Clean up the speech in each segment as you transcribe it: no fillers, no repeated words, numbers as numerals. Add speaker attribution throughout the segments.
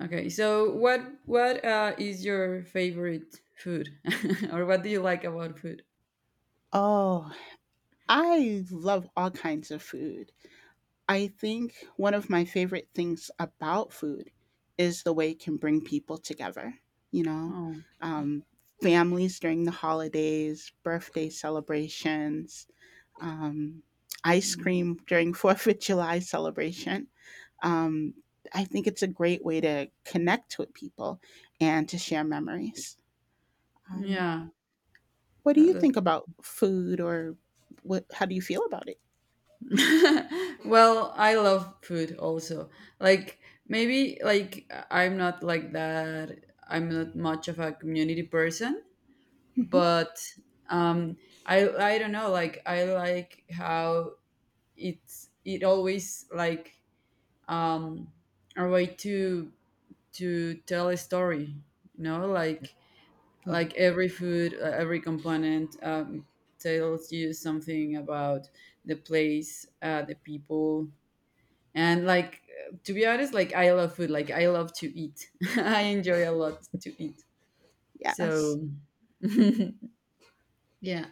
Speaker 1: Okay, so what is your favorite food, or what do you like about food?
Speaker 2: Oh, I love all kinds of food. I think one of my favorite things about food is the way it can bring people together, you know,
Speaker 1: Oh,
Speaker 2: um, families during the holidays, birthday celebrations, um, ice
Speaker 1: mm,
Speaker 2: cream during 4th of July celebration. Um, I think it's a great way to connect with people and to share memories. Um,
Speaker 1: yeah,
Speaker 2: what do
Speaker 1: that,
Speaker 2: you think
Speaker 1: that's
Speaker 2: about food, or what? How do you feel about it?
Speaker 1: well, I love food also. Like maybe like I'm not like that. I'm not much of a community person,
Speaker 2: Mhm.
Speaker 1: but um, I don't know. Like I like how it always like um a way to tell a story, you know like
Speaker 2: Yeah.
Speaker 1: like every food, every component, tells you something about the place, the people, and like to be honest, like I love food, like I love to eat. I enjoy a lot to eat, so
Speaker 2: Yes.
Speaker 1: yeah.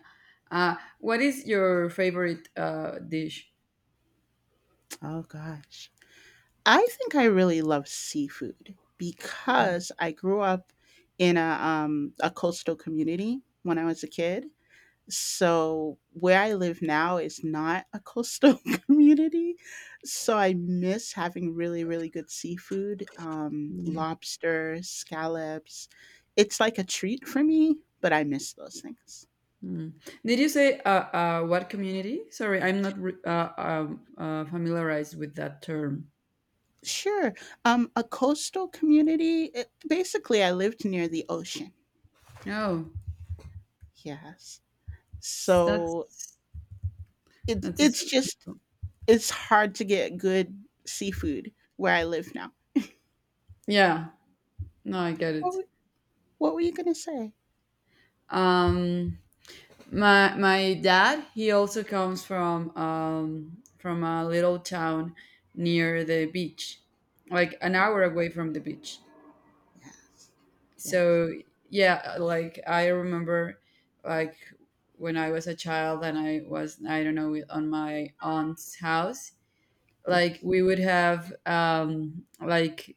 Speaker 1: uh, what is your favorite dish?
Speaker 2: Oh gosh. I think I really love seafood because I grew up in a coastal community when I was a kid. So where I live now is not a coastal community. So I miss having really, really good seafood. Um,
Speaker 1: Mm,
Speaker 2: lobster, scallops. It's like a treat for me, but I miss those things.
Speaker 1: mm. Did you say what community? Sorry, I'm not familiarized with that term.
Speaker 2: Sure. A coastal community, it basically, I lived near the ocean.
Speaker 1: Oh,
Speaker 2: Yes.
Speaker 1: s- that's
Speaker 2: So it,
Speaker 1: that's a,
Speaker 2: it's just, it's hard to get good seafood where I live now.
Speaker 1: yeah. No, I get
Speaker 2: What
Speaker 1: it.
Speaker 2: were, what were you going to say?
Speaker 1: Um, my dad, he also comes from a little town near the beach, like an
Speaker 2: Yeah.
Speaker 1: hour away from the beach.
Speaker 2: Yes. Yes.
Speaker 1: So yeah, like I remember, like when I was a child and I was, I don't know, on my aunt's house, like
Speaker 2: Yes.
Speaker 1: we would have like,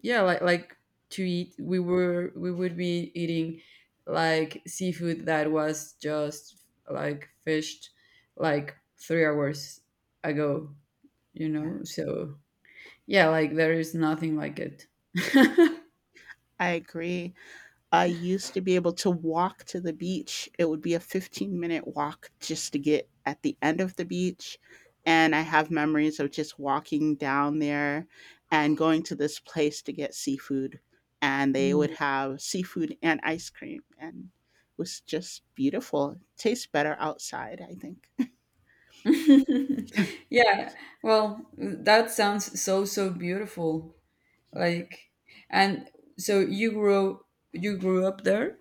Speaker 1: yeah, like to eat, we would be eating like seafood that was just like fished like 3 hours ago, you
Speaker 2: Yeah.
Speaker 1: know. So yeah, like there is nothing like it.
Speaker 2: I agree. I used to be able to walk to the beach. It would be a 15-minute walk just to get at the end of the beach. And I have memories of just walking down there and going to this place to get seafood. And they would
Speaker 1: Mm.
Speaker 2: have seafood and ice cream. And it was just beautiful. It tastes better outside, I think.
Speaker 1: Yeah, well, that sounds so so beautiful, like, and so you grew up there.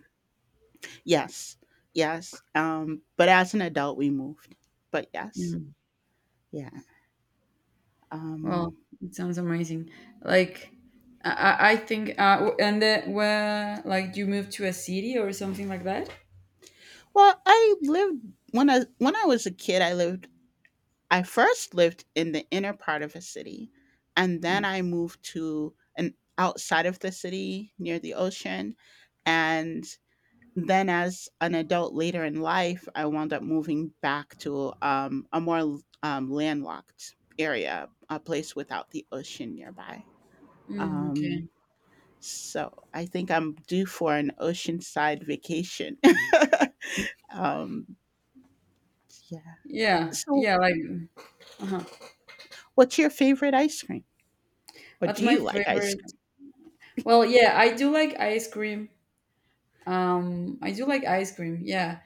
Speaker 2: Yes. Yes. But as an adult, we moved. But yes. Yeah.
Speaker 1: Well,
Speaker 2: Um,
Speaker 1: it sounds amazing. Like I think, and then where, like, you moved to a city or something like that.
Speaker 2: well, I lived when I was a kid, I first lived in the inner part of a city, and then I moved to an outside of the city near the ocean, and then as an adult later in life, I wound up moving back to a more landlocked area, a place without the ocean nearby.
Speaker 1: Mm,
Speaker 2: Um,
Speaker 1: okay.
Speaker 2: so I think I'm due for an oceanside vacation. um, yeah.
Speaker 1: Yeah,
Speaker 2: So
Speaker 1: yeah, like uh-huh.
Speaker 2: what's your favorite ice cream? Or
Speaker 1: What's
Speaker 2: do
Speaker 1: my
Speaker 2: you like ice
Speaker 1: favorite?
Speaker 2: cream?
Speaker 1: Well, yeah, I do like ice cream. I do like ice cream. Yeah,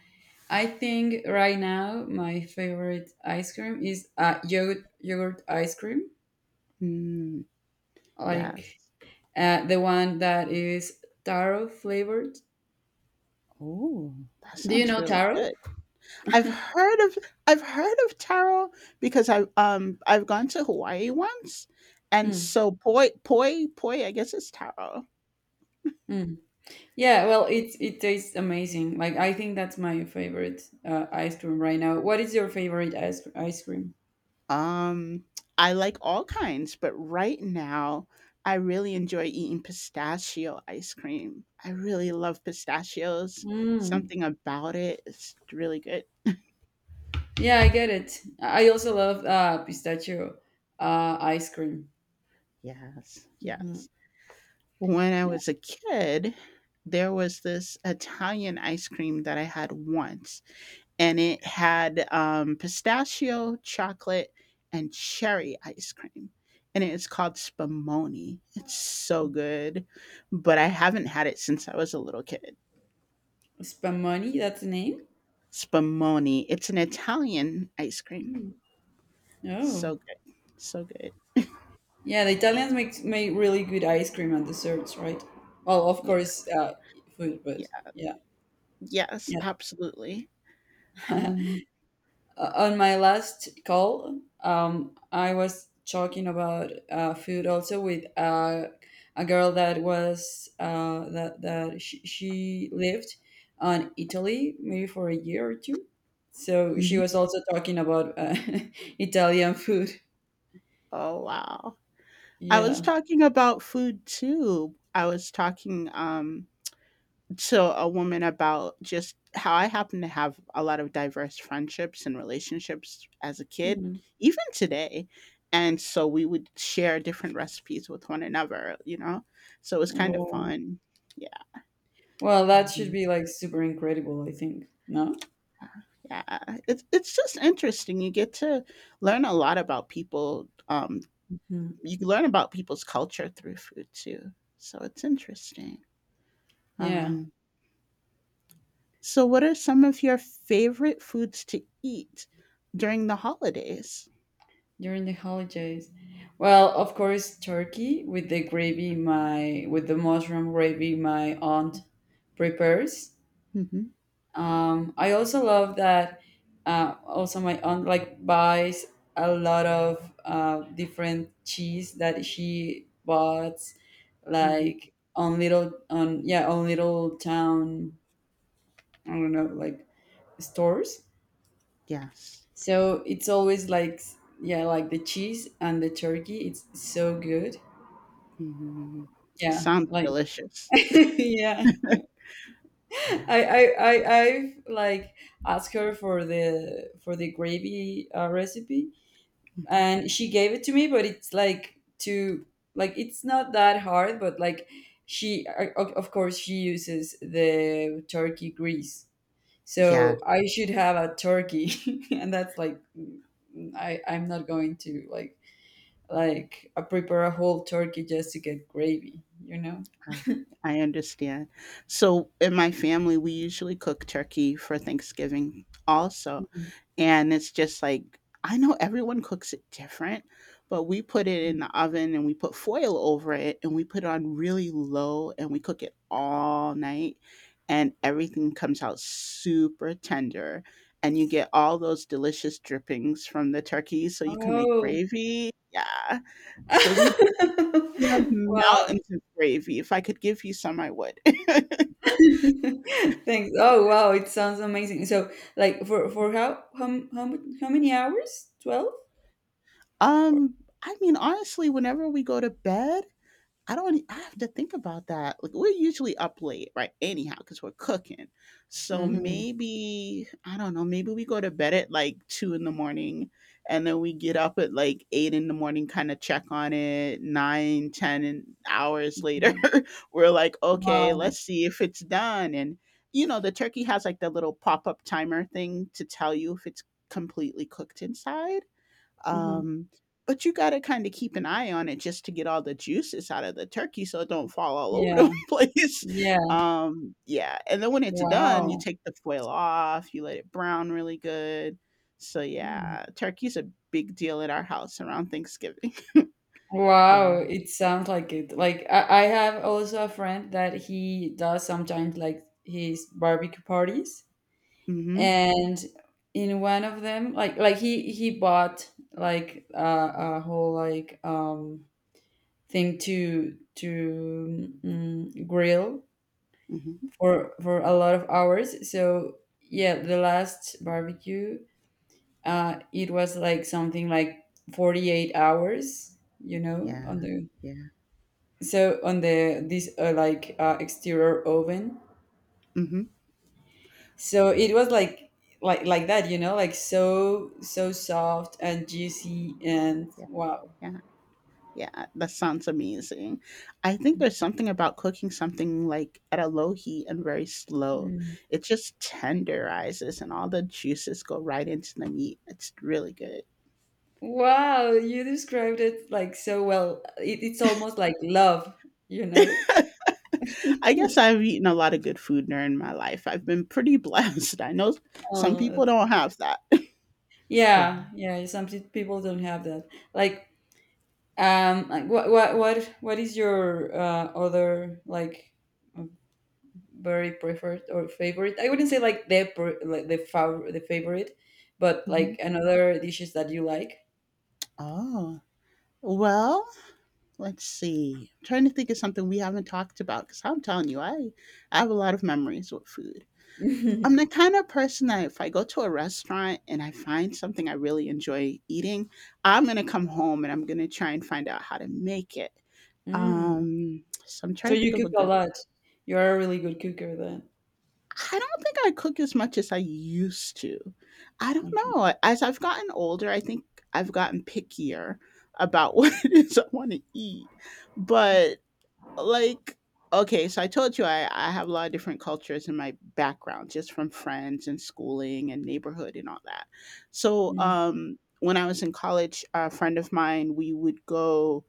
Speaker 1: I think right now my favorite ice cream is yogurt ice cream,
Speaker 2: Mm,
Speaker 1: like
Speaker 2: yes.
Speaker 1: the one that is taro flavored.
Speaker 2: Oh, that
Speaker 1: Do you
Speaker 2: sounds
Speaker 1: know
Speaker 2: really
Speaker 1: taro?
Speaker 2: good. I've heard of I've heard of taro because I've gone to Hawaii once, and
Speaker 1: Mm,
Speaker 2: so poi poi poi, I guess it's taro.
Speaker 1: mm. Yeah,
Speaker 2: Yeah.
Speaker 1: well, it tastes amazing. Like I think that's my favorite ice cream right now. What is your favorite ice cream?
Speaker 2: Um, I like all kinds, but right now, I really enjoy eating pistachio ice cream. I really love pistachios.
Speaker 1: Mm.
Speaker 2: Something about it is really good.
Speaker 1: Yeah, I get it. I also love pistachio ice cream.
Speaker 2: Yes,
Speaker 1: Hmm.
Speaker 2: yes. When I was a kid, there was this Italian ice cream that I had once, and it had, pistachio, chocolate, and cherry ice cream, and it's called Spumoni. It's so good, but I haven't had it since I was a little kid.
Speaker 1: Spumoni, that's the name.
Speaker 2: Spumoni, it's an Italian ice cream.
Speaker 1: Mm. Oh,
Speaker 2: So good, so good.
Speaker 1: yeah. The Italians make really good ice cream and desserts, right? Well, of
Speaker 2: Yeah,
Speaker 1: course, food, but
Speaker 2: yeah.
Speaker 1: yeah,
Speaker 2: Yes,
Speaker 1: yeah.
Speaker 2: absolutely. Um,
Speaker 1: On my last call, I was talking about food also with a girl that was that that she lived on Italy maybe for a year or two. So she
Speaker 2: mhm.
Speaker 1: was also talking about Italian food.
Speaker 2: Oh, wow. I was
Speaker 1: Yeah.
Speaker 2: talking about food too. I was talking to a woman about just how I happen to have a lot of diverse friendships and relationships as a kid,
Speaker 1: Mhm.
Speaker 2: even today. And so we would share different recipes with one another, you know? So it was kind of
Speaker 1: Well,
Speaker 2: fun. Yeah.
Speaker 1: well, that should
Speaker 2: Um,
Speaker 1: be like super incredible, I think. No?
Speaker 2: yeah. It's just interesting. You get to learn a lot about people.
Speaker 1: Mhm.
Speaker 2: You learn about people's culture through food too. So it's interesting.
Speaker 1: Yeah.
Speaker 2: Um, So, what are some of your favorite foods to eat during the holidays?
Speaker 1: During the holidays. Well, of course, turkey with the gravy my with the mushroom gravy my aunt prepares.
Speaker 2: Mhm,
Speaker 1: I also love that also my aunt like buys a lot of different cheese that she bought
Speaker 2: mhm,
Speaker 1: like on little on, yeah, on little town, I don't know, like, stores.
Speaker 2: yes.
Speaker 1: So it's always like, yeah, like the cheese and the turkey. It's so good.
Speaker 2: Mhm.
Speaker 1: Yeah,
Speaker 2: Sounds
Speaker 1: like
Speaker 2: delicious.
Speaker 1: yeah. I
Speaker 2: Yeah.
Speaker 1: I I I've like asked her for the gravy recipe,
Speaker 2: Mhm.
Speaker 1: and she gave it to me, but it's like to like it's not that hard, but like she, of course, she uses the turkey grease.
Speaker 2: Yeah.
Speaker 1: So I should have a turkey. And that's like, I'm not going to prepare a whole turkey just to get gravy, you know?
Speaker 2: I I understand. So in my family, we usually cook turkey for Thanksgiving also.
Speaker 1: Mhm.
Speaker 2: And it's just like, I know everyone cooks it different, but we put it in the oven and we put foil over it and we put it on really low and we cook it all night and everything comes out super tender. And you get all those delicious drippings from the turkey so you can make
Speaker 1: Oh,
Speaker 2: gravy. Yeah. So we have
Speaker 1: wow.
Speaker 2: mountains of gravy. If I could give you some, I would.
Speaker 1: Thanks. Oh, wow. It sounds amazing. So, like, for how m- how, mu- how many hours? 12?
Speaker 2: Um, I mean, honestly, whenever we go to bed, I don't. E, I have to think about that. Like we're usually up late, right? Anyhow, because we're cooking. So
Speaker 1: Mm-hmm.
Speaker 2: maybe I don't know. Maybe we go to bed at like 2 in the morning, and then we get up at like 8 in the morning, kind of check on it. Nine, hours later, we're like, okay,
Speaker 1: Wow.
Speaker 2: let's see if it's done. And you know, the turkey has like the little pop up timer thing to tell you if it's completely cooked inside.
Speaker 1: Mm-hmm.
Speaker 2: Um, but you got to kind of keep an eye on it just to get all the juices out of the turkey so it don't fall all over the
Speaker 1: Yeah.
Speaker 2: place.
Speaker 1: Yeah.
Speaker 2: Yeah, and then when it's done, you
Speaker 1: Wow.
Speaker 2: take the foil off, you let it brown really good. So
Speaker 1: Mm.
Speaker 2: yeah, turkey's a big deal at our house around Thanksgiving. Yeah.
Speaker 1: Wow, it sounds like it. Like I have also a friend that he does sometimes like his barbecue parties,
Speaker 2: Mhm.
Speaker 1: and in one of them, like he bought like a whole, like, thing to grill
Speaker 2: Mhm.
Speaker 1: for a lot of hours. So yeah, the last barbecue, it was like something like 48 hours. You know,
Speaker 2: Yeah.
Speaker 1: on the
Speaker 2: Yeah.
Speaker 1: so on the this like, exterior oven.
Speaker 2: Mhm.
Speaker 1: So it was like like that. You know, like so so soft and juicy and
Speaker 2: Yeah.
Speaker 1: wow.
Speaker 2: Yeah. Yeah, that sounds amazing. I think there's something about cooking something like at a low heat and very slow.
Speaker 1: Mm.
Speaker 2: It just tenderizes and all the juices go right into the meat. It's really good.
Speaker 1: Wow, you described it like so well. It's almost like love, you know?
Speaker 2: I guess I've eaten a lot of good food during my life. I've been pretty blessed. I know some
Speaker 1: Oh,
Speaker 2: people don't have that.
Speaker 1: yeah,
Speaker 2: Yeah.
Speaker 1: yeah. Some people don't have that. Like, like what is your other, like, very preferred or favorite? I wouldn't say like the pre- like the fav the favorite, but
Speaker 2: Hmm.
Speaker 1: like another dishes that you like.
Speaker 2: Oh, well, let's see. I'm trying to think of something we haven't talked about because I'm telling you, I have a lot of memories with food. I'm the kind of person that if I go to a restaurant and I find something I really enjoy eating, I'm gonna come home and I'm gonna try and find out how to make it.
Speaker 1: Mm.
Speaker 2: So I'm
Speaker 1: So
Speaker 2: trying to
Speaker 1: you
Speaker 2: think of a
Speaker 1: cook a
Speaker 2: good.
Speaker 1: lot. You are a really good cooker then.
Speaker 2: I don't think I cook as much as I used to. I don't
Speaker 1: Okay.
Speaker 2: know. As I've gotten older, I think I've gotten pickier about what it is I want to eat. But like okay so I told you I have a lot of different cultures in my background just from friends and schooling and neighborhood and all that so
Speaker 1: Mm.
Speaker 2: when I was in college a friend of mine we would go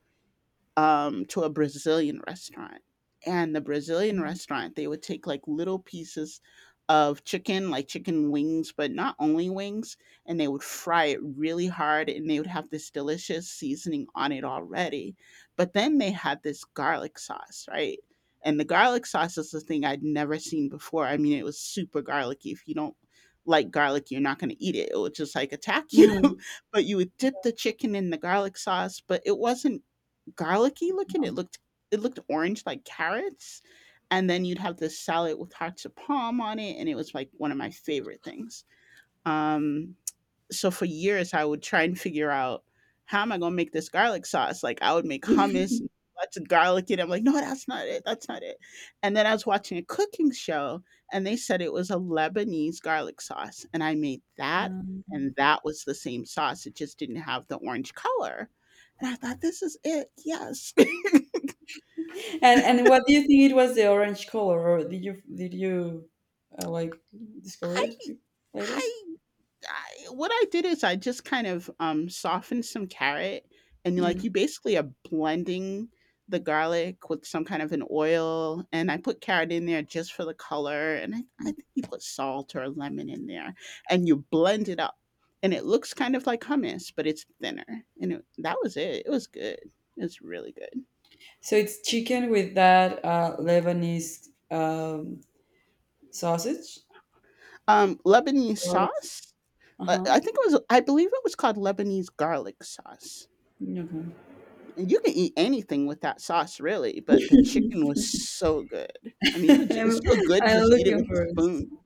Speaker 2: to a Brazilian restaurant. And the Brazilian restaurant, they would take like little pieces of chicken, like chicken wings, but not only wings, and they would fry it really hard and they would have this delicious seasoning on it already. But then they had this garlic sauce, right? And the garlic sauce is the thing I'd never seen before. I mean, it was super garlicky. If you don't like garlic, you're not going to eat it. It would just like attack you.
Speaker 1: Mm.
Speaker 2: But you would dip the chicken in the garlic sauce, but it wasn't garlicky looking. It looked orange like carrots, and then you'd have this salad with hearts of palm on it, and it was like one of my favorite things. Um, so for years, I would try and figure out how am I gonna make this garlic sauce. Like I would make hummus, and lots of garlic, and I'm like, no, that's not it, that's not it. And then I was watching a cooking show, and they said it was a Lebanese garlic sauce, and I made that.
Speaker 1: Um,
Speaker 2: And that was the same sauce. It just didn't have the orange color. And I thought, this is it. Yes.
Speaker 1: and what do you think it was, the orange color, or did you like discover
Speaker 2: I
Speaker 1: it later?
Speaker 2: I I what I did is I just kind of, softened some carrot and, like,
Speaker 1: Mm.
Speaker 2: you basically are blending the garlic with some kind of an oil, and I put carrot in there just for the color, and I think you put salt or lemon in there, and you blend it up, and it looks kind of like hummus, but it's thinner, and it that was it. It was good. It was really good.
Speaker 1: So it's chicken with that Lebanese, sausage.
Speaker 2: Lebanese sauce?
Speaker 1: Uh huh.
Speaker 2: I think it was I believe it was called Lebanese garlic sauce.
Speaker 1: Okay.
Speaker 2: And you can eat anything with that sauce really, but the chicken was so good. I mean, you ju it's
Speaker 1: I'm,
Speaker 2: so good,
Speaker 1: I'm
Speaker 2: just eat it
Speaker 1: looking
Speaker 2: with a
Speaker 1: for it.
Speaker 2: spoon.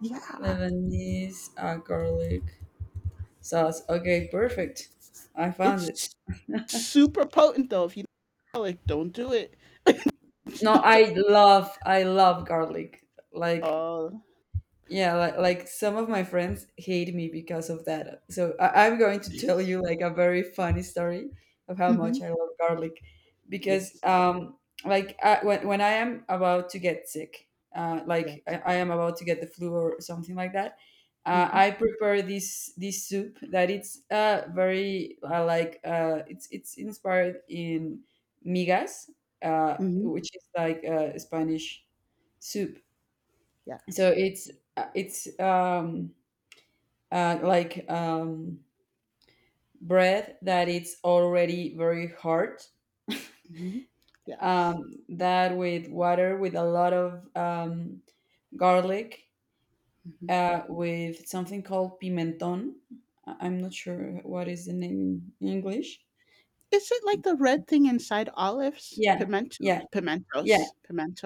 Speaker 2: Yeah,
Speaker 1: Lebanese garlic sauce. Okay, perfect. I found it.
Speaker 2: it's super potent though, if you don't like, don't do it.
Speaker 1: No,
Speaker 2: Do.
Speaker 1: I love garlic. Like,
Speaker 2: Oh.
Speaker 1: yeah, like some of my friends hate me because of that, so I'm going to tell you like a very funny story of how much
Speaker 2: Mhm.
Speaker 1: I love garlic, because
Speaker 2: Yes.
Speaker 1: like when I am about to get sick, like I,
Speaker 2: Yes.
Speaker 1: I am about to get the flu or something like that,
Speaker 2: Mhm.
Speaker 1: I prepare this soup that it's very, like, it's inspired in migas, uh
Speaker 2: Mhm.
Speaker 1: which is like Spanish soup. So
Speaker 2: Yes.
Speaker 1: it's, uh, it's um like, bread that it's already very hard,
Speaker 2: Mhm.
Speaker 1: um
Speaker 2: Yes.
Speaker 1: that with water, with a lot of garlic,
Speaker 2: Mhm.
Speaker 1: with something called pimenton. I'm not sure what is the name in English.
Speaker 2: Is it like the red thing inside olives?
Speaker 1: Yeah, yeah,
Speaker 2: Pimentos.
Speaker 1: yeah,
Speaker 2: Pimentos.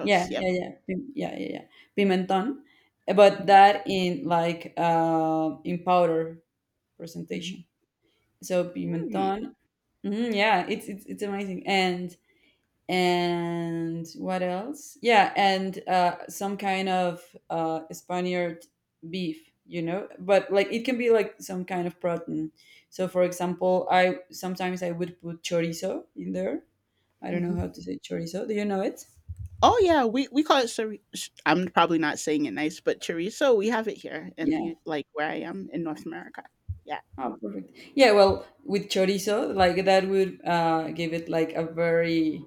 Speaker 1: yeah, yeah,
Speaker 2: Yep.
Speaker 1: yeah, yeah, yeah, yeah. Pimenton, but that in, like, in powder
Speaker 2: Mhm.
Speaker 1: presentation, so
Speaker 2: Mhm.
Speaker 1: pimenton. Mhm, yeah, it's amazing. And what else? Yeah, and some kind of Spaniard beef, you know, but like it can be like some kind of protein. So, for example, I sometimes I would put chorizo in there. I don't know
Speaker 2: Mm.
Speaker 1: how to say chorizo. Do you know it?
Speaker 2: Oh yeah, we call it. Chori- sh- I'm probably not saying it nice, but chorizo. We have it here in
Speaker 1: Yeah.
Speaker 2: the like where I am in North America. Yeah.
Speaker 1: Oh, perfect. Yeah. Well, with chorizo, like that would give it like a very,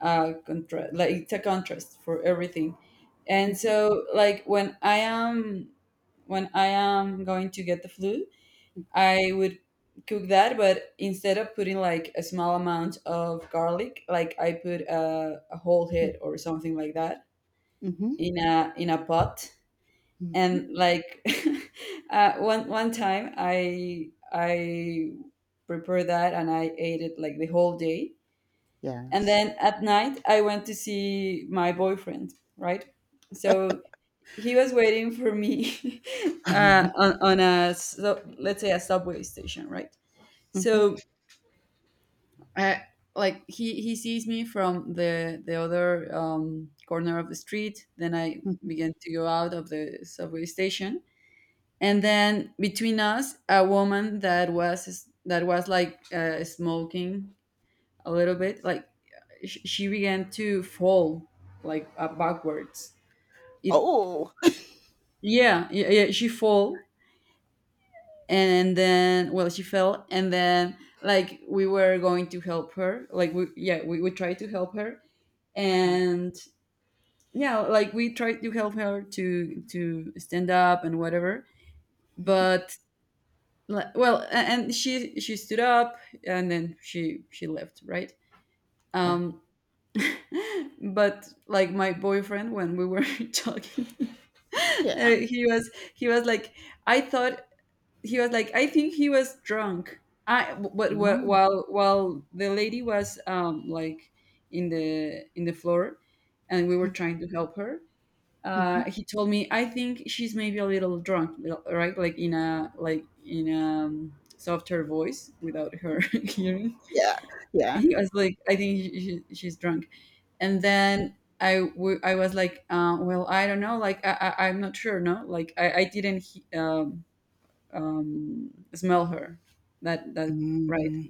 Speaker 1: like it's a contrast for everything. And
Speaker 2: Hmm.
Speaker 1: so, like, when I am going to get the flu, I would cook that, but instead of putting like a small amount of garlic, like I put a whole head or something like that,
Speaker 2: Hmm.
Speaker 1: in a pot.
Speaker 2: Hmm.
Speaker 1: And like, one time I prepared that and I ate it like the whole day. And
Speaker 2: Yes.
Speaker 1: then at night, I went to see my boyfriend, right? So he was waiting for me,
Speaker 2: Hmm.
Speaker 1: on a, so, let's say, a subway station, right?
Speaker 2: Hmm.
Speaker 1: So, uh, like, he sees me from the other, corner of the street. Then I began to go out of the subway station. And then, between us, a woman that was like, smoking a little bit,
Speaker 2: Yes.
Speaker 1: like she began to fall like, backwards. It
Speaker 2: Oh.
Speaker 1: Yeah, yeah, yeah, she fall, and then, well, she fell, and then like we were going to help her, like we yeah, we tried to help her.
Speaker 2: Yeah.
Speaker 1: And yeah, like we tried to help her to stand up and whatever,
Speaker 2: Mhm.
Speaker 1: but like, well, and she stood up, and then she left, right.
Speaker 2: Yeah.
Speaker 1: um but like my boyfriend, when we were talking,
Speaker 2: Yeah.
Speaker 1: he was like, I thought, he was like, I think he was drunk. I But
Speaker 2: Mm,
Speaker 1: while the lady was, like, in the floor and we were trying to help her,
Speaker 2: mhm.
Speaker 1: he told me, I think she's maybe a little drunk, right, like in a softer voice without her hearing.
Speaker 2: Yeah. Yeah.
Speaker 1: He was like, I think she, she's drunk. And then I was like, well, I don't know. Like, I'm not sure. No, like I didn't smell her, that, right.
Speaker 2: Mm.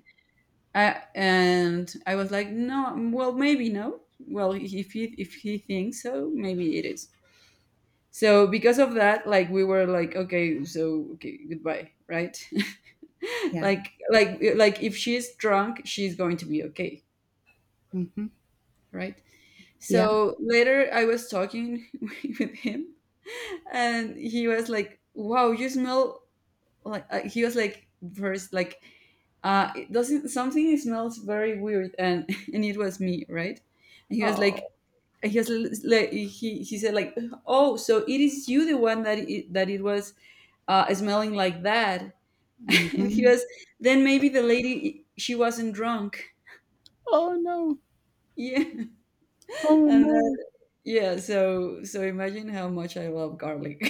Speaker 1: And I was like, no, well, maybe no. Well, if he thinks so, maybe it is. So because of that, like, we were like, okay, so, okay, goodbye, right?
Speaker 2: Yeah.
Speaker 1: Like, if she's drunk, she's going to be okay,
Speaker 2: Hmm.
Speaker 1: right?
Speaker 2: Yeah.
Speaker 1: So later I was talking with him, and he was like, wow, you smell, like, he was like, first, like, it doesn't, something smells very weird. And it was me, right? And he was like,
Speaker 2: Oh.
Speaker 1: he was he said, like, oh, so it is you, the one that that it was, smelling like that. and he
Speaker 2: Hmm.
Speaker 1: was, then maybe the lady, she wasn't drunk.
Speaker 2: Oh no.
Speaker 1: Yeah.
Speaker 2: Oh
Speaker 1: And
Speaker 2: no.
Speaker 1: Yeah, so imagine how much I love garlic.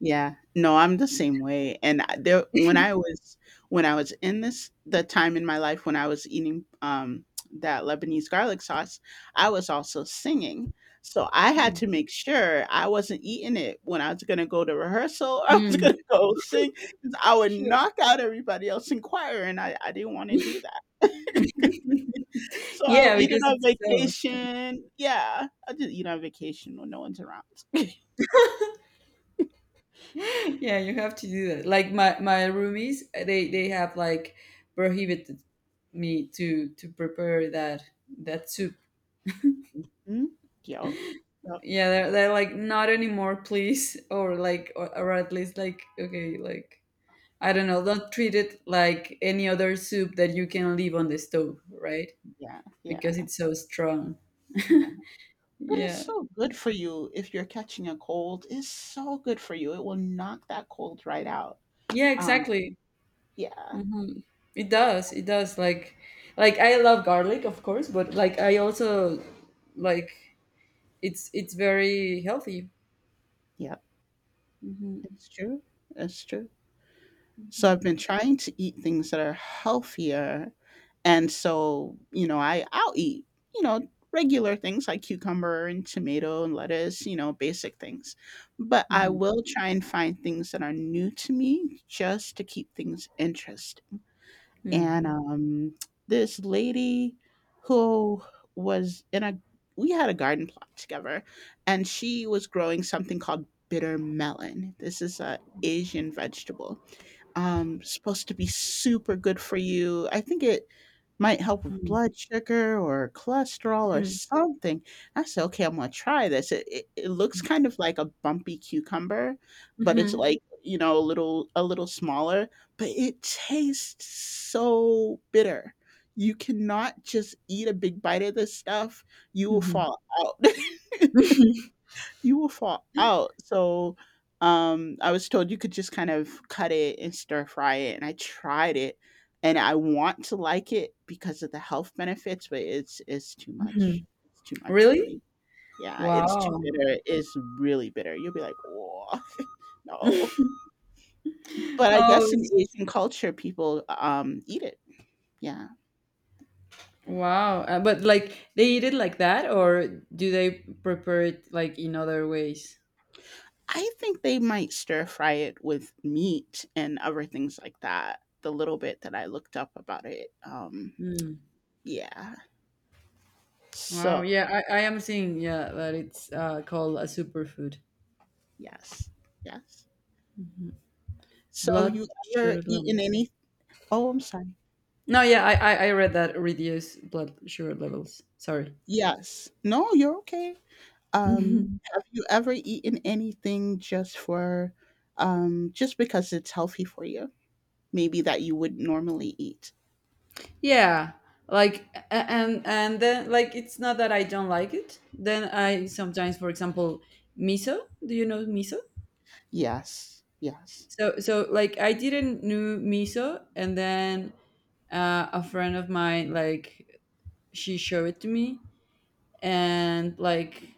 Speaker 2: Yeah. No, I'm the same way, and I there when I was in this the time in my life when I was eating, that Lebanese garlic sauce, I was also singing. So I had to make sure I wasn't eating it when I was gonna go to rehearsal, I was
Speaker 1: Mm.
Speaker 2: gonna go sing, 'cause I would
Speaker 1: Sure.
Speaker 2: knock out everybody else in choir, and I didn't wanna do that. So I'll
Speaker 1: Yeah,
Speaker 2: eat it
Speaker 1: because
Speaker 2: on
Speaker 1: it's so.
Speaker 2: vacation. Yeah, I'll just eat on vacation when no one's around.
Speaker 1: Yeah, you have to do that. Like my roomies, they have like prohibited me to prepare that soup.
Speaker 2: Mhm. Yup. Yup.
Speaker 1: Yeah, they're like not anymore, please, or like or at least like okay, like I
Speaker 2: Yeah,
Speaker 1: don't know, don't treat it like any other soup that you can leave on the stove, right?
Speaker 2: yeah, yeah,
Speaker 1: Because it's so strong.
Speaker 2: yeah. But it's
Speaker 1: Yeah.
Speaker 2: so good for you if you're catching a cold. It's so good for you. It will knock that cold right out.
Speaker 1: Yeah,
Speaker 2: Uh,
Speaker 1: exactly.
Speaker 2: yeah.
Speaker 1: hmm It does. It does. Like, I love garlic, of course, but like I also like it's very healthy.
Speaker 2: Yep.
Speaker 1: Hmm.
Speaker 2: It's true. It's true. So I've been trying to eat things that are healthier, and so, you know, I'll eat, you know, regular things like cucumber and tomato and lettuce, you know, basic things. But I
Speaker 1: Hmm.
Speaker 2: will try and find things that are new to me just to keep things interesting. And
Speaker 1: Hmm.
Speaker 2: This lady who was in a we had a garden plot together, and she was growing something called bitter melon. This is a asian vegetable, supposed to be super good for you. I think it might help with blood sugar or cholesterol or something. I said, "Okay, I'm gonna try this." It looks kind of like a bumpy cucumber, but it's
Speaker 1: Hmm.
Speaker 2: like, you know, a little smaller. But it tastes so bitter. You cannot just eat a big bite of this stuff. You will
Speaker 1: Hmm.
Speaker 2: fall out.
Speaker 1: Hmm.
Speaker 2: You will fall out. So, I was told you could just kind of cut it and stir fry it, and I tried it, and I want to like it because of the health benefits, but it's too much. It's too much for
Speaker 1: Really?
Speaker 2: me. Yeah, it's too
Speaker 1: Wow.
Speaker 2: bitter. It's really bitter. You'll be like, "Oh, no." But I guess in
Speaker 1: Oh,
Speaker 2: Asian culture, people, eat it. Yeah.
Speaker 1: wow. But like they eat it like that, or do they prepare it like in other ways?
Speaker 2: I think they might stir fry it with meat and other things like that, the little bit that I looked up about it.
Speaker 1: Mm.
Speaker 2: Yeah.
Speaker 1: Wow.
Speaker 2: So,
Speaker 1: Yeah, I am seeing. Yeah, that it's called a superfood.
Speaker 2: yes, yes. So,
Speaker 1: Blood
Speaker 2: you
Speaker 1: sugar
Speaker 2: ever eaten
Speaker 1: levels.
Speaker 2: any? Oh, I'm sorry.
Speaker 1: No, yeah, I read that reduce blood sugar levels. Sorry.
Speaker 2: Yes. No, you're okay. Um,
Speaker 1: Mhm.
Speaker 2: have you ever eaten anything just for, just because it's healthy for you? Maybe that you would normally eat.
Speaker 1: Yeah, like and then like it's not that I don't like it. Then I sometimes, for example, miso. Do you know miso?
Speaker 2: Yes, yes,
Speaker 1: So like I didn't know miso, and then a friend of mine like she showed it to me, and like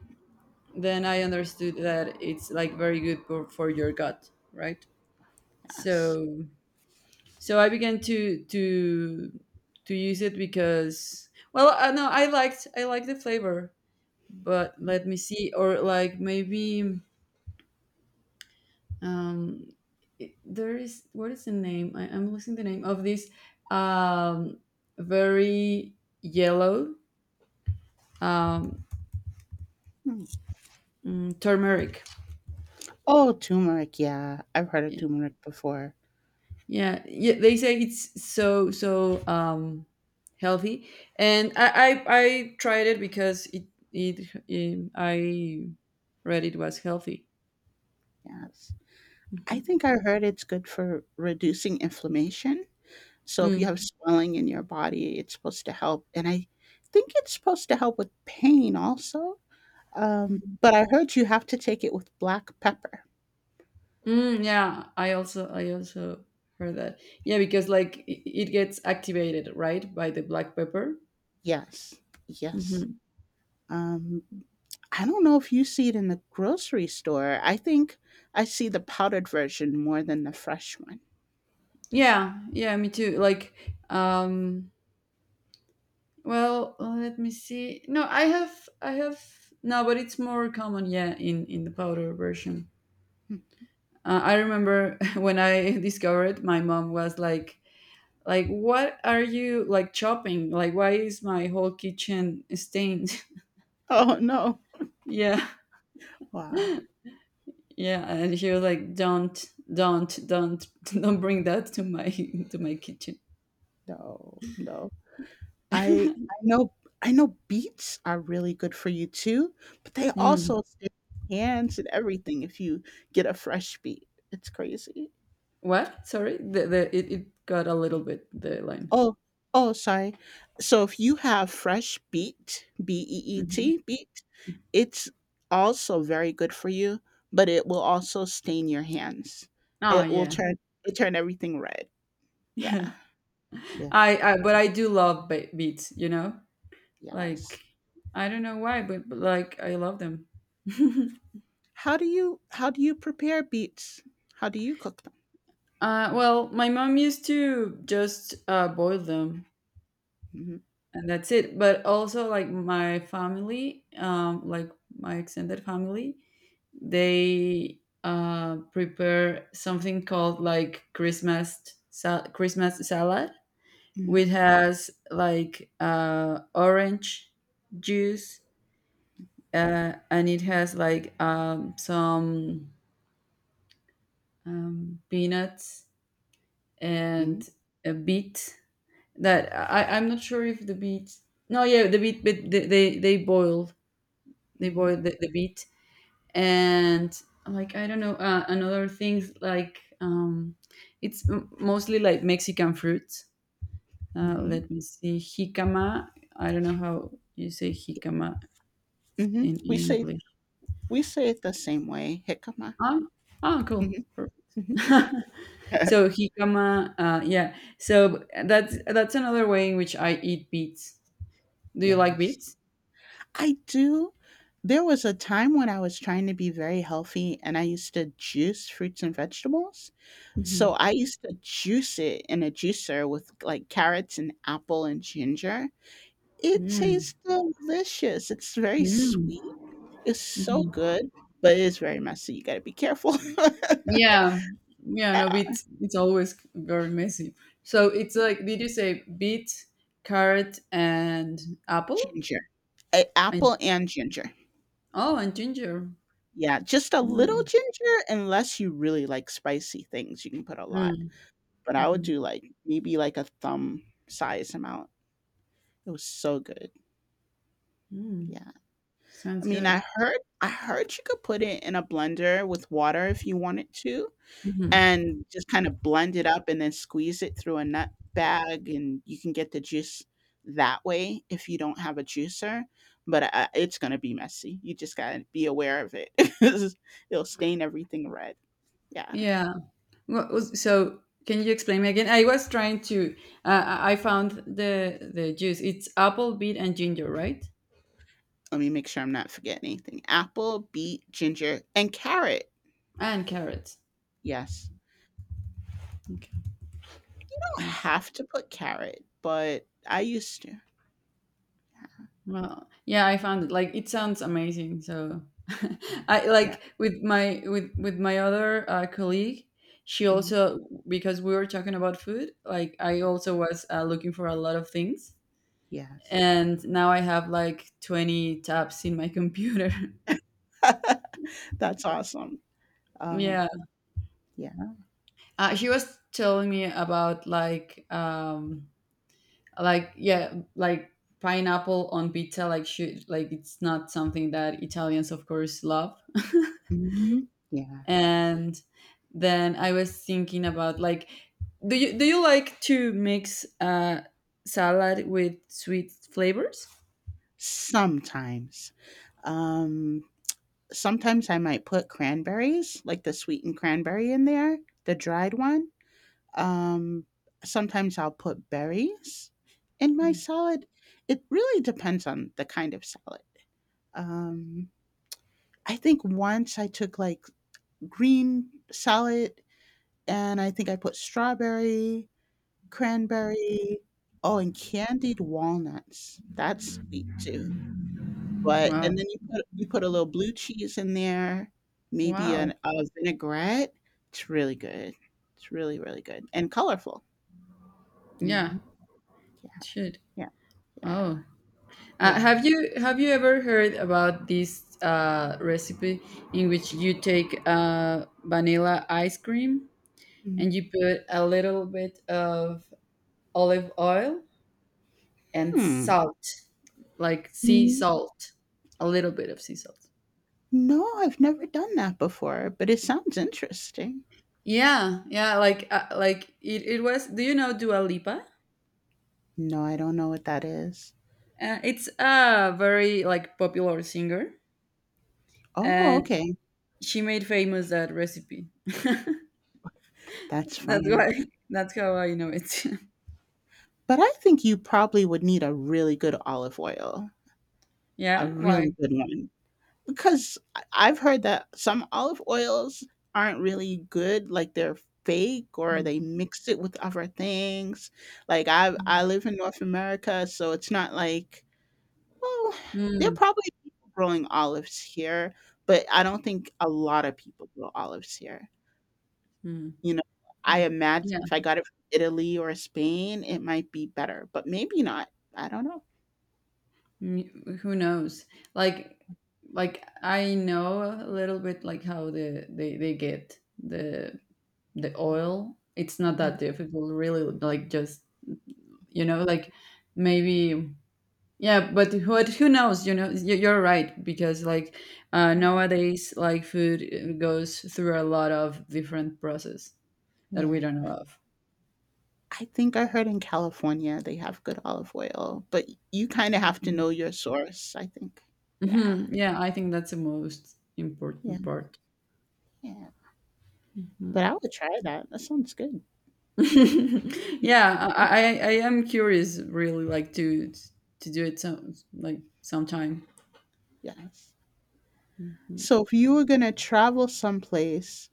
Speaker 1: then I understood that it's like very good for your gut, right?
Speaker 2: yes.
Speaker 1: So so I began to use it because, well, I know I liked the flavor, but let me see, or like maybe, um it- there is, what is the name? I'm losing the name of this, um very yellow, um
Speaker 2: Hmm.
Speaker 1: turmeric.
Speaker 2: Oh, turmeric. Yeah, I've heard of turmeric before.
Speaker 1: Yeah, yeah. They say it's so healthy, and I tried it because I read it was healthy.
Speaker 2: Yes.
Speaker 1: Mhm.
Speaker 2: I think I heard it's good for reducing inflammation. So if you have
Speaker 1: Mm.
Speaker 2: swelling in your body, it's supposed to help, and I think it's supposed to help with pain also, but I heard you have to take it with black pepper.
Speaker 1: Mm, yeah, I also heard that. Yeah, because like it gets activated right by the black pepper.
Speaker 2: Yes, yes.
Speaker 1: Hmm.
Speaker 2: Um, I don't know if you see it in the grocery store. I think I see the powdered version more than the fresh one.
Speaker 1: Yeah, yeah, me too. Like, um, well, let me see. No, I have no, but it's more common. Yeah, in the powder version.
Speaker 2: Hmm.
Speaker 1: I remember when I discovered, my mom was like, "Like, what are you like chopping? Like, why is my whole kitchen stained?"
Speaker 2: Oh, no.
Speaker 1: Yeah,
Speaker 2: Wow.
Speaker 1: yeah, and she was like, don't, don't bring that to my to my kitchen."
Speaker 2: No, no. I know I know beets are really good for you too, but they
Speaker 1: Mm.
Speaker 2: also stay in your hands and everything if you get a fresh beet. It's crazy.
Speaker 1: What? Sorry, the it got a little bit the line.
Speaker 2: Oh, oh, sorry. So if you have fresh beet, B E E
Speaker 1: Hmm.
Speaker 2: T, beet, it's also very good for you, but it will also stain your hands.
Speaker 1: Oh
Speaker 2: It will
Speaker 1: yeah,
Speaker 2: turn it turn everything red. Yeah.
Speaker 1: yeah.
Speaker 2: Yeah.
Speaker 1: I but I do love beats. You know, like
Speaker 2: Yes.
Speaker 1: I don't know why, but like I love them.
Speaker 2: How do you prepare beets? How do you cook them?
Speaker 1: Well, my mom used to just boil them,
Speaker 2: Hmm.
Speaker 1: and that's it. But also, like my family, like my extended family, they prepare something called like Christmas salad, which has like orange juice, and it has like some peanuts,
Speaker 2: Hmm.
Speaker 1: and a beet that I'm not sure if the beet. No, yeah, the beet, but they they, they boiled they
Speaker 2: Mhm,
Speaker 1: boiled the beet, and like I don't know, another things like, it's mostly like Mexican fruits.
Speaker 2: mhm,
Speaker 1: Let me see, jicama. I don't know how you say jicama
Speaker 2: mhm.
Speaker 1: in
Speaker 2: We say
Speaker 1: English.
Speaker 2: we say it the same way, jicama.
Speaker 1: Ah, ah, cool.
Speaker 2: Mhm,
Speaker 1: Perfect.
Speaker 2: mhm.
Speaker 1: So jicama, yeah. So that's another way in which I eat beets. Do you like
Speaker 2: Yes.
Speaker 1: beets?
Speaker 2: I do. There was a time when I was trying to be very healthy and I used to juice fruits and vegetables.
Speaker 1: Mhm.
Speaker 2: So I used to juice it in a juicer with, like, carrots and apple and ginger. It
Speaker 1: Mm.
Speaker 2: tastes delicious. It's very
Speaker 1: Mm.
Speaker 2: sweet. It's so
Speaker 1: Mhm.
Speaker 2: good, but it is very messy. You gotta be careful.
Speaker 1: Yeah, yeah, no,
Speaker 2: Yeah,
Speaker 1: beet. It's always very messy. So it's
Speaker 2: yeah.
Speaker 1: like, did you say beet, carrot, and apple?
Speaker 2: Ginger. A
Speaker 1: And
Speaker 2: Apple and ginger.
Speaker 1: Oh, and ginger.
Speaker 2: Yeah, just a little
Speaker 1: Mm.
Speaker 2: ginger unless you really like spicy things, you can put a lot,
Speaker 1: Mm.
Speaker 2: but I would
Speaker 1: Hmm.
Speaker 2: do, like, maybe, like, a thumb size amount. It was so good,
Speaker 1: Mm.
Speaker 2: yeah. I
Speaker 1: Sounds
Speaker 2: mean,
Speaker 1: good.
Speaker 2: I heard you could put it in a blender with water if you wanted to,
Speaker 1: Hmm.
Speaker 2: and just kinda blend it up and then squeeze it through a nut bag, and you can get the juice that way if you don't have a juicer, but, it's gonna be messy. You just gotta be aware of it. It'll stain everything red, yeah.
Speaker 1: Yeah. So, can you explain me again? I was trying to. I found the juice. It's apple, beet, and ginger, right?
Speaker 2: Let me make sure I'm not forgetting anything. Apple, beet, ginger, and carrot.
Speaker 1: And carrot.
Speaker 2: Yes.
Speaker 1: Okay.
Speaker 2: I don't
Speaker 1: Thanks.
Speaker 2: have to put carrot, but I used to. Yeah.
Speaker 1: Well, yeah, I found it. Like, it sounds amazing. So,
Speaker 2: Yeah.
Speaker 1: I
Speaker 2: Yeah.
Speaker 1: like with my with my other colleague. She
Speaker 2: Mhm,
Speaker 1: also, because we were talking about food. Like, I also was looking for a lot of things,
Speaker 2: yes.
Speaker 1: and now I have like 20 tabs in my computer.
Speaker 2: That's awesome. Um,
Speaker 1: Yeah,
Speaker 2: yeah.
Speaker 1: she was telling me about like yeah like pineapple on pizza. Like, she like, it's not something that Italians of course love,
Speaker 2: Mhm, yeah.
Speaker 1: and then I was thinking about, like, do you like to mix salad with sweet flavors?
Speaker 2: Sometimes. Um, sometimes I might put cranberries, like the sweetened cranberry in there, the dried one. Um, sometimes I'll put berries in my salad. It really depends on the kind of salad. Um, I think once I took like green salad and I think I put strawberry, cranberry, oh, and candied walnuts. That's sweet too. But
Speaker 1: Wow,
Speaker 2: and then you put a little blue cheese in there, maybe
Speaker 1: wow,
Speaker 2: an a vinaigrette. It's really good. It's really really good and colorful.
Speaker 1: yeah,
Speaker 2: Mhm.
Speaker 1: it should.
Speaker 2: Yeah. Yeah.
Speaker 1: Oh,
Speaker 2: Yeah.
Speaker 1: have you ever heard about this recipe in which you take vanilla ice cream
Speaker 2: Mm.
Speaker 1: and you put a little bit of olive oil and
Speaker 2: Hmm.
Speaker 1: salt, like sea
Speaker 2: N-
Speaker 1: salt, a little bit of sea salt.
Speaker 2: No, I've never done that before, but it sounds interesting.
Speaker 1: Yeah, yeah, like it was. Do you know Dua Lipa?
Speaker 2: No, I don't know what that is.
Speaker 1: It's a very like popular singer,
Speaker 2: Oh,
Speaker 1: and
Speaker 2: okay.
Speaker 1: she made famous that recipe.
Speaker 2: That's
Speaker 1: That's
Speaker 2: funny.
Speaker 1: why. That's how I know it.
Speaker 2: But I think you probably would need a really good olive oil, a
Speaker 1: Yeah, why?
Speaker 2: really good one. Because I've heard that some olive oils aren't really good, like they're fake or
Speaker 1: Mm.
Speaker 2: they mix it with other things. Like I
Speaker 1: Mm.
Speaker 2: I live in North America, so it's not like. Well, there are probably people growing olives here, but I don't think a lot of people grow olives here.
Speaker 1: Mm.
Speaker 2: You know, I
Speaker 1: Mm.
Speaker 2: imagine
Speaker 1: Yeah.
Speaker 2: if I got it from Italy or Spain, it might be better, but maybe not. I don't know.
Speaker 1: Mm, who knows? Like, like, I know a little bit like how they get the oil. It's not
Speaker 2: Mm,
Speaker 1: that difficult, really. Like, just like, maybe, yeah, but who knows, you're right, because like
Speaker 2: yeah.
Speaker 1: nowadays, like, food goes through a lot of different process that we
Speaker 2: Yeah.
Speaker 1: don't know of.
Speaker 2: I think I heard in California they have good olive oil, but you kind of have to know your source, I think. Yeah.
Speaker 1: Yeah, I think that's the most
Speaker 2: Yeah.
Speaker 1: important part.
Speaker 2: Yeah. But
Speaker 1: Mhm.
Speaker 2: I would try that. That sounds good.
Speaker 1: Yeah, I am curious, really, like to do it sometime.
Speaker 2: Yes. So if you were going to travel someplace,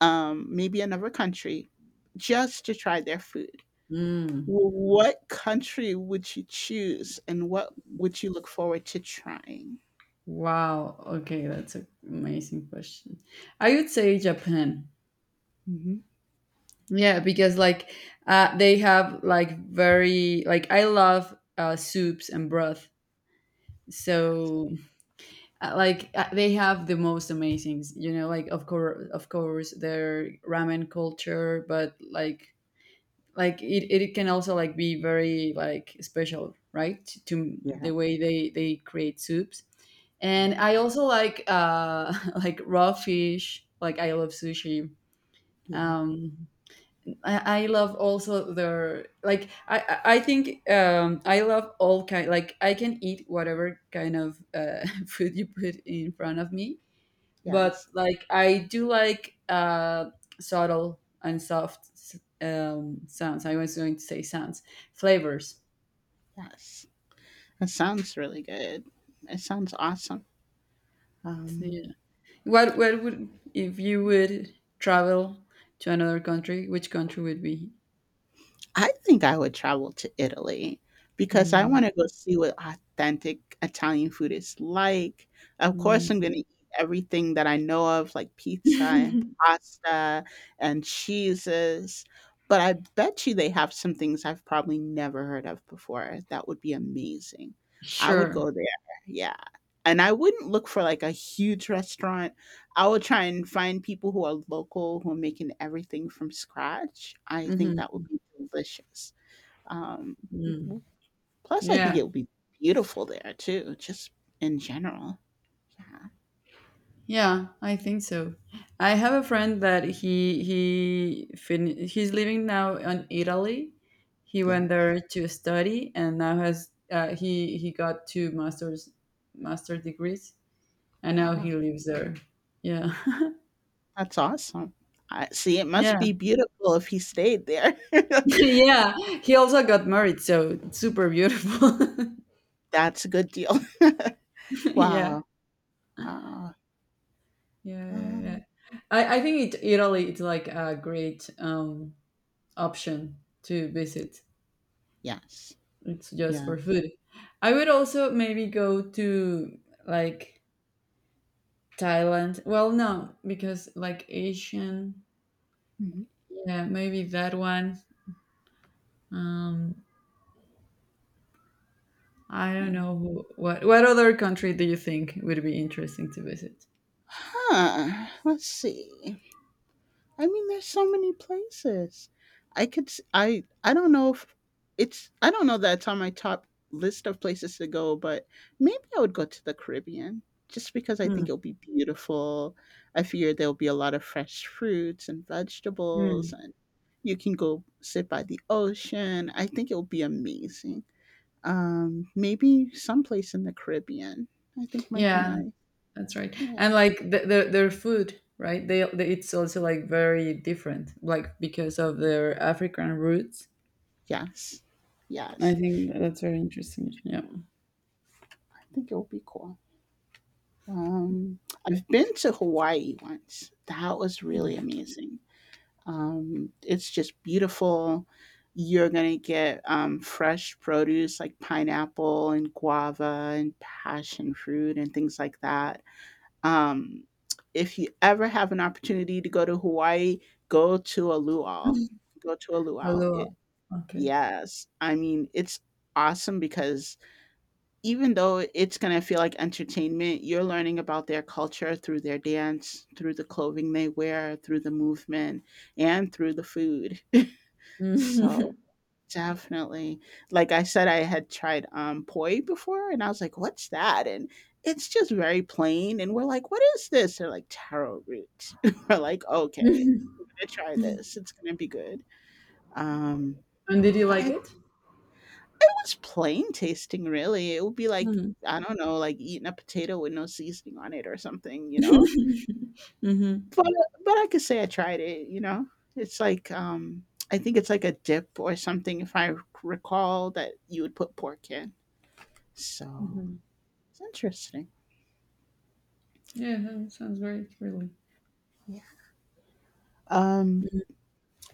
Speaker 2: maybe another country, just to try their food.
Speaker 1: Mm.
Speaker 2: What country would you choose, and what would you look forward to trying?
Speaker 1: Wow. Okay, that's an amazing question. I would say Japan.
Speaker 2: Hmm.
Speaker 1: Yeah, because like they have like very like, I love soups and broth. So, like, they have the most amazing, like, of course their ramen culture, but like it can also, like, be very like special, right? To
Speaker 2: Yeah,
Speaker 1: the way they create soups.
Speaker 2: yeah,
Speaker 1: And I also like, like raw fish. Like, I love sushi.
Speaker 2: yeah,
Speaker 1: Um I love also their like, I think I love all kind, like I can eat whatever kind of food you put in front of me, but
Speaker 2: yes,
Speaker 1: like I do like subtle and soft sounds. I was going to say sounds, flavors.
Speaker 2: yes. That sounds really good. It sounds awesome. Um,
Speaker 1: Yeah. What would if you would travel to another country? Which country would be?
Speaker 2: I think I would travel to Italy because I
Speaker 1: Mm,
Speaker 2: want to go see what authentic Italian food is like. Of course, I'm
Speaker 1: mm.
Speaker 2: going to eat everything that I know of, like pizza and pasta and cheeses. But I bet you they have some things I've probably never heard of before. That would be amazing. I would go
Speaker 1: Sure.
Speaker 2: there. Yeah. And I wouldn't look for like a huge restaurant. I will try and find people who are local who are making everything from scratch. I think
Speaker 1: Hmm.
Speaker 2: that would be delicious. Um,
Speaker 1: Mm.
Speaker 2: w- plus, I think
Speaker 1: Yeah.
Speaker 2: it would be beautiful there too, just in general. Yeah.
Speaker 1: Yeah, I think so. I have a friend that he's living now in Italy. He
Speaker 2: Yeah.
Speaker 1: went there to study, and now has, he got two master degrees, and now
Speaker 2: Wow.
Speaker 1: he lives there. Yeah.
Speaker 2: That's awesome. I see. It must
Speaker 1: Yeah.
Speaker 2: be beautiful if he stayed there.
Speaker 1: Yeah. He also got married, so it's super beautiful.
Speaker 2: That's a good deal.
Speaker 1: Yeah.
Speaker 2: Wow. Wow.
Speaker 1: Yeah, yeah, yeah.
Speaker 2: Um,
Speaker 1: I think Italy, it's like a great option to visit.
Speaker 2: yes.
Speaker 1: It's just
Speaker 2: Yeah.
Speaker 1: for food. I would also maybe go to, like, Thailand. Well, no, because like, Asian,
Speaker 2: Mhm.
Speaker 1: yeah, maybe that one. Um, I don't
Speaker 2: Yeah.
Speaker 1: know, who, what other country do you think would be interesting to visit?
Speaker 2: Huh. Let's see. I mean, there's so many places. I don't know if it's I don't know that it's on my top list of places to go, but maybe I would go to the Caribbean just because I
Speaker 1: Hmm.
Speaker 2: think it'll be beautiful. I figure there'll be a lot of fresh fruits and
Speaker 1: Hmm.
Speaker 2: vegetables and you can go sit by the ocean. I think it'll be amazing. Um, maybe someplace in the Caribbean. I think might be
Speaker 1: Yeah,
Speaker 2: nice.
Speaker 1: that's right.
Speaker 2: Yeah.
Speaker 1: And, like, their food, right? They it's also like very different, like because of their African roots.
Speaker 2: Yes.
Speaker 1: I
Speaker 2: Yes.
Speaker 1: think that's very interesting. Yeah.
Speaker 2: I think it will be cool. Um, I've been to Hawaii once. That was
Speaker 1: Mm.
Speaker 2: really amazing. It's just beautiful. You're gonna get fresh produce like pineapple and guava and passion fruit and things like that. Um, if you ever have an opportunity to go to Hawaii, go to a luau. Go to a luau.
Speaker 1: Hello. Okay.
Speaker 2: Yes, I mean it's awesome because even though it's going to feel like entertainment, you're learning about their culture through their dance, through the clothing they wear, through the movement, and through the food. So
Speaker 1: Mhm.
Speaker 2: definitely, like I said, I had tried poi before, and I was like, "What's that?" And it's just very plain. And we're like, "What is this?" They're like taro root. We're like, "Okay, we're gonna try this. It's gonna be good." Um,
Speaker 1: And did you like
Speaker 2: but
Speaker 1: it?
Speaker 2: it was plain tasting, really. It would be like,
Speaker 1: Mhm.
Speaker 2: I don't know, like eating a potato with no seasoning on it or something, you know?
Speaker 1: Mhm.
Speaker 2: But but I could say I tried it, you know? It's like, I think it's like a dip or something, if I recall, that you would put pork in. So
Speaker 1: Mhm.
Speaker 2: it's interesting.
Speaker 1: Yeah, that sounds great, really.
Speaker 2: Yeah. Um,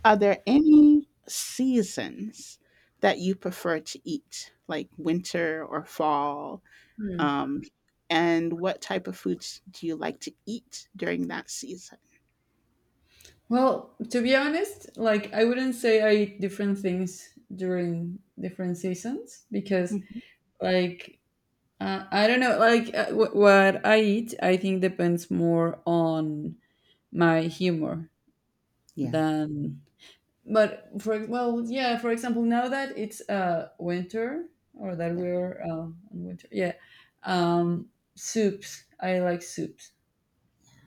Speaker 2: are there any seasons that you prefer to eat, like winter or fall.
Speaker 1: Hmm.
Speaker 2: Um, and what type of foods do you like to eat during that season?
Speaker 1: Well, to be honest, like, I wouldn't say I eat different things during different seasons because,
Speaker 2: Mhm.
Speaker 1: like, I don't know, like, what I eat, I think, depends more on my humor
Speaker 2: Yeah,
Speaker 1: than but for well, yeah, for example, now that it's winter, or that
Speaker 2: yeah,
Speaker 1: we're on winter, yeah. um soups I like soups.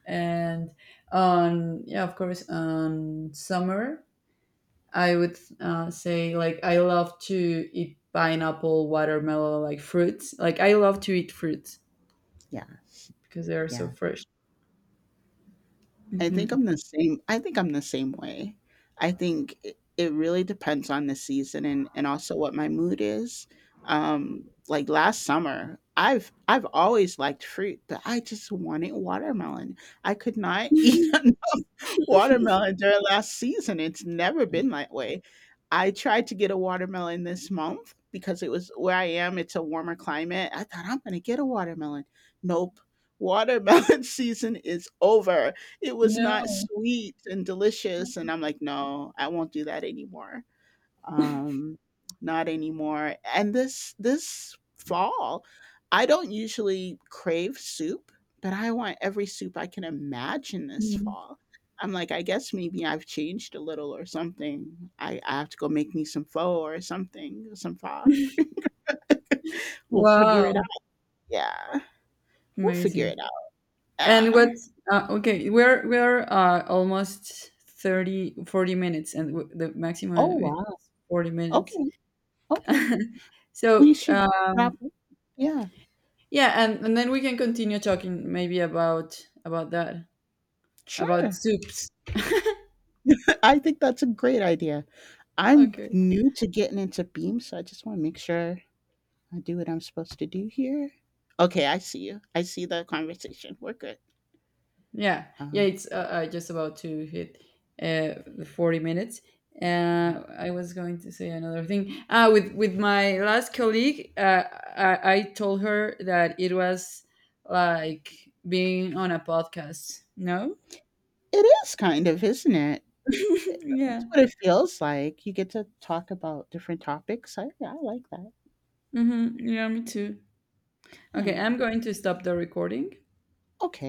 Speaker 1: And on yeah of course, on summer, I would say, like, I love to eat pineapple, watermelon, like fruits. Like, I love to eat fruits
Speaker 2: yeah,
Speaker 1: because they are so
Speaker 2: yeah.
Speaker 1: fresh.
Speaker 2: I think
Speaker 1: Hmm.
Speaker 2: I'm the same. I think I'm the same way. I think it really depends on the season and also what my mood is. Like last summer, I've always liked fruit, but I just wanted watermelon. I could not eat watermelon during last season. It's never been that way. I tried to get a watermelon this month because it was where I am, it's a warmer climate. I thought I'm going to get a watermelon. Nope. Watermelon season is over. It was not
Speaker 1: No.
Speaker 2: sweet and delicious. And I'm like, no, I won't do that anymore, um not anymore. And this fall I don't usually crave soup, but I want every soup I can imagine this
Speaker 1: Mm.
Speaker 2: fall. I'm like, I guess maybe I've changed a little or something. I have to go make me some pho or something some pho. We'll figure it out,
Speaker 1: Wow.
Speaker 2: yeah. We'll figure
Speaker 1: Amazing.
Speaker 2: it out,
Speaker 1: And what?
Speaker 2: yeah.
Speaker 1: Okay, we're almost 30, 40 minutes, and the maximum
Speaker 2: Oh
Speaker 1: is
Speaker 2: wow,
Speaker 1: 40 minutes.
Speaker 2: okay, okay. We
Speaker 1: So,
Speaker 2: should wrap up, yeah,
Speaker 1: yeah, and then we can continue talking, maybe, about that, about
Speaker 2: sure.
Speaker 1: soups.
Speaker 2: I think that's a great idea. I'm
Speaker 1: Okay.
Speaker 2: new to getting into Beam, so I just want to make sure I do what I'm supposed to do here. Okay, I see you. I see the conversation. We're good.
Speaker 1: Yeah, yeah,
Speaker 2: Um,
Speaker 1: it's just about to hit, the 40 minutes.
Speaker 2: yeah.
Speaker 1: I was going to say another thing. With my last colleague, I told her that it was like being on a podcast. No,
Speaker 2: It is kind of, isn't it? That's
Speaker 1: yeah,
Speaker 2: what it feels like. You get to talk about different topics. I like that.
Speaker 1: mm-hmm. Yeah, me too.
Speaker 2: Yeah.
Speaker 1: Okay, I'm going to stop the recording.
Speaker 2: Okay.